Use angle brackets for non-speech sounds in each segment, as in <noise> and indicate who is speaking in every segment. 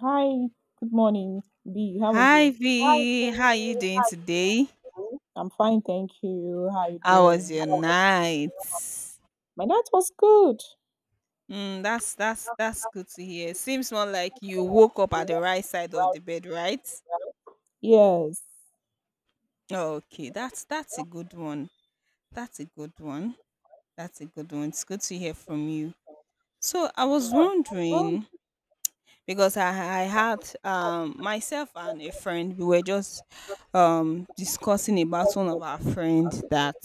Speaker 1: Hi, good morning, B. How are
Speaker 2: Hi
Speaker 1: you?
Speaker 2: V, how are you doing today?
Speaker 1: I'm fine, thank you. How are you
Speaker 2: How was
Speaker 1: doing?
Speaker 2: your night?
Speaker 1: My night was good.
Speaker 2: Mm, that's good to hear. Seems more like you woke up at the right side of the bed, right?
Speaker 1: Yes.
Speaker 2: Okay, that's a good one. That's a good one. That's a good one. It's good to hear from you. So I was
Speaker 1: So, um,
Speaker 2: wondering, because I had myself and a friend, we were just discussing about one of our friends that,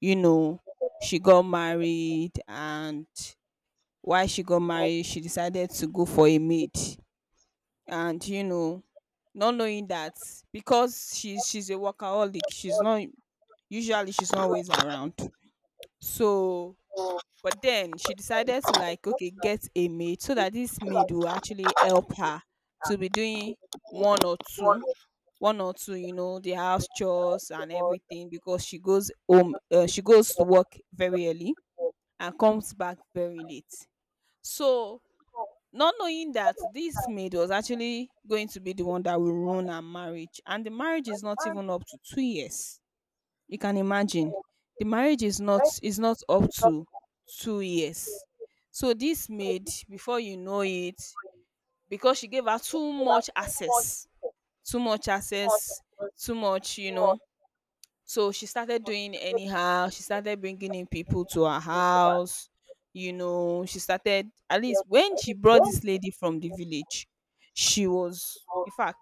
Speaker 2: you know, she got married and why she got married, she decided to go for a maid. And, you know, not knowing that because she's a workaholic, she's not, usually she's not always around. So but then she decided to like okay get a maid so that this maid will actually help her to be doing one or two one or two you know the house chores and everything because she goes home she goes to work very early and comes back very late so not knowing that this maid was actually going to be the one that will ruin her marriage, and the marriage is not even up to 2 years. You can imagine the marriage is not up to 2 years. So this maid, before you know it, because she gave her too much access, too much access, too much, you know, so she started doing anyhow, she started bringing in people to her house. You know, she started, at least when she brought this lady from the village, she was, in fact,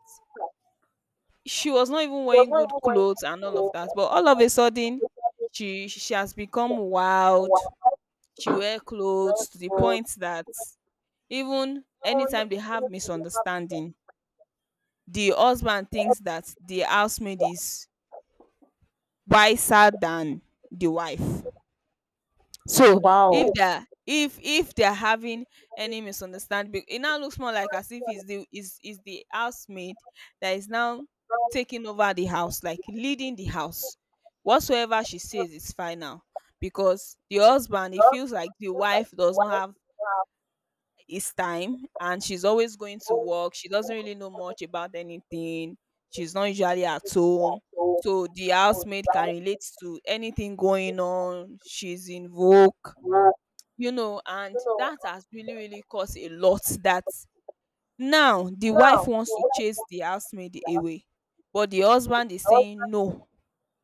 Speaker 2: she was not even wearing good clothes and all of that, but all of a sudden, she has become wild. She wear clothes to the point that even anytime they have misunderstanding, the husband thinks that the housemaid is wiser than the wife. So if
Speaker 1: wow.
Speaker 2: they're if if they're having any misunderstanding, it now looks more like as if it's the housemaid that is now taking over the house, like leading the house. Whatsoever she says is final because the husband, it feels like the wife does not have his time and she's always going to work. She doesn't really know much about anything. She's not usually at home. So the housemaid can relate to anything going on. She's in vogue, you know, and that has really really caused a lot, that now the wife wants to chase the housemaid away, but the husband is saying no,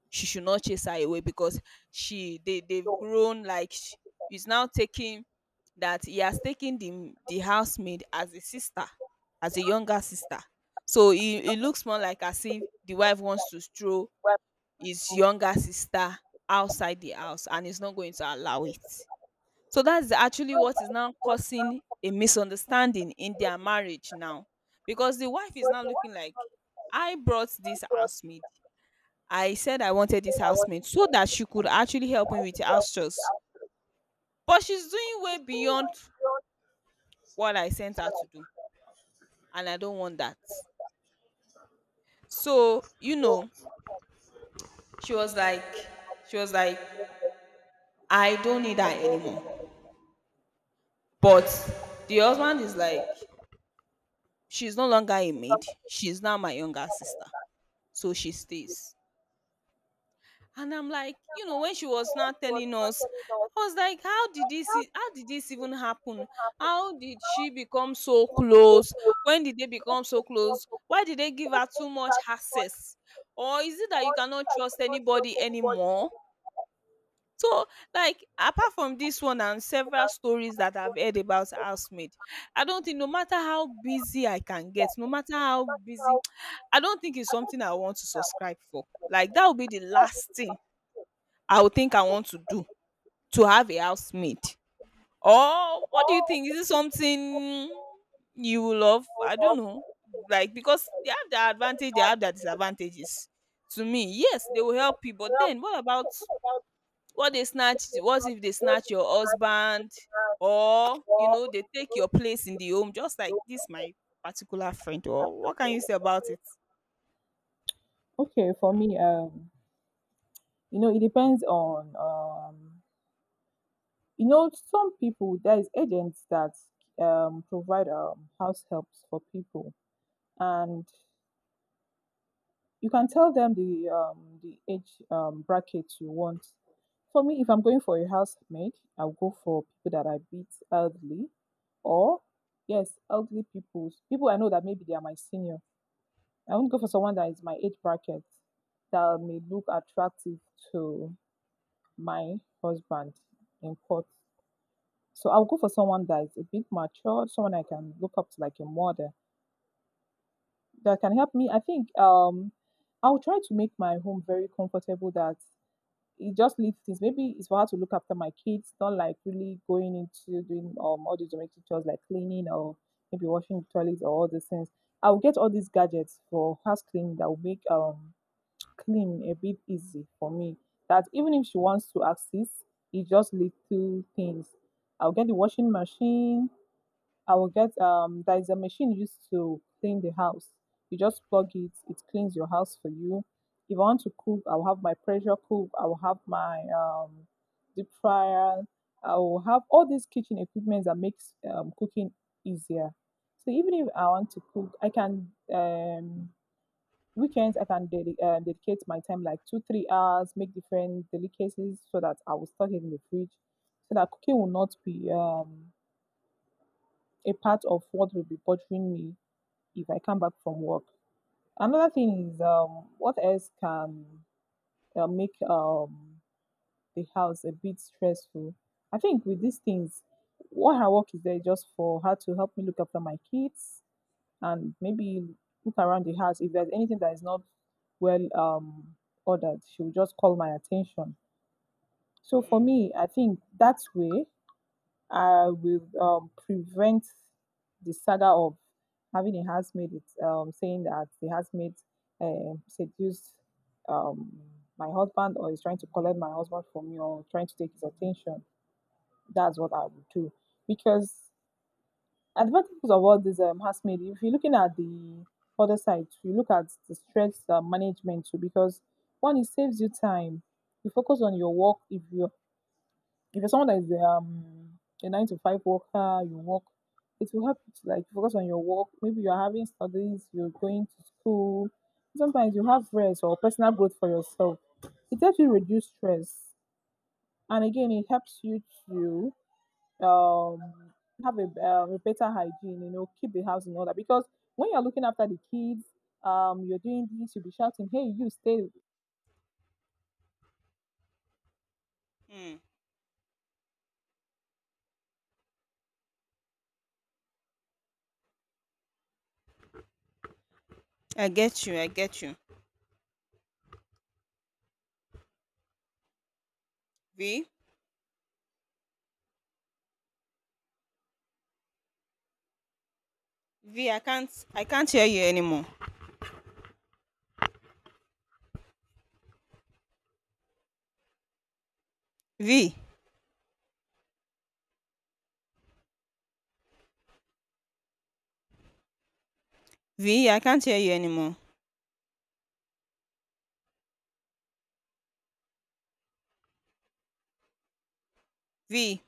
Speaker 2: she should not chase her away because she they've grown like he's now taking that he has taken the housemaid as a sister, as a younger sister. So it looks more like as if the wife wants to throw his younger sister outside the house and he's not going to allow it. So that's actually what is now causing a misunderstanding in their marriage now. Because the wife is now looking like, I brought this housemaid. I said I wanted this housemaid so that she could actually help me with the house chores. But she's doing way beyond what I sent her to do. And I don't want that. So, you know, she was like, she was like, I don't need her anymore. But the husband is like, she's no longer a maid. She's now my younger sister. So she stays. And I'm like, when she was now telling us, I was like, how did this even happen? How did she become so close? When did they become so close? Why did they give her too much access? Or is it that you cannot trust anybody anymore? So, like, apart from this one and several stories that I've heard about housemaid, I don't think, no matter how busy I can get, no matter how busy, <tsk> I don't think it's something I want to subscribe for. Like, that would be the last thing I would think I want to do, to have a housemaid? Or what do you think? Is it something you will love? I don't know. Like, because they have their advantage, they have their disadvantages. To me, yes, they will help you. But then what about what they snatch? What if they snatch your husband? Or you know, they take your place in the home, just like this my particular friend. Or what can you say about it?
Speaker 1: Okay, for me, you know, it depends on you know, some people there is agents that provide house helps for people, and you can tell them the age bracket you want. For me, if I'm going for a housemaid, I'll go for people that are a bit elderly or yes, elderly people. People I know that maybe they are my senior. I won't go for someone that is my age bracket that may look attractive to my husband in court. So I'll go for someone that is a bit mature, someone I can look up to like a model that can help me. I think I'll try to make my home very comfortable that it just leads things. Maybe it's for her to look after my kids, not like really going into doing all the domestic chores like cleaning or maybe washing the toilets or all these things. I'll get all these gadgets for house cleaning that will make clean a bit easy for me. That even if she wants to access, it just leads to things. I'll get the washing machine, I will get there is a machine used to clean the house. You just plug it, it cleans your house for you. If I want to cook, I'll have my pressure cook, I will have my deep fryer, I will have all these kitchen equipment that makes cooking easier. So even if I want to cook, I can weekends I can dedicate my time like 2 3 hours, make different delicacies so that I will stock it in the fridge, so that cooking will not be a part of what will be bothering me if I come back from work. Another thing is what else can make the house a bit stressful? I think with these things, what her work is there is just for her to help me look after my kids and maybe look around the house. If there's anything that is not well ordered, she will just call my attention. So for
Speaker 2: Mm,
Speaker 1: me, I think that way I will prevent the saga of having a housemaid with, saying that the housemaid seduced um, my husband or is trying to collect my husband from me or trying to take his attention. That's what I would do. Because advantages of all this housemaid, if you're looking at the other side, you look at the stress management too, because one, it saves you time. You focus on your work. If you're someone that is a 9 to 5 worker, you work, it will help you to like focus on your work. Maybe you're having studies, you're going to school. Sometimes you have rest or personal growth for yourself. It helps you reduce stress, and again, it helps you to um, have a better hygiene. You know, keep the house in order because when you're looking after the kids, you're doing this, you'll be shouting, "Hey, you stay!"
Speaker 2: mm. I get you, I get you. V, V, I can't hear you anymore. V, V, I can't hear you anymore. V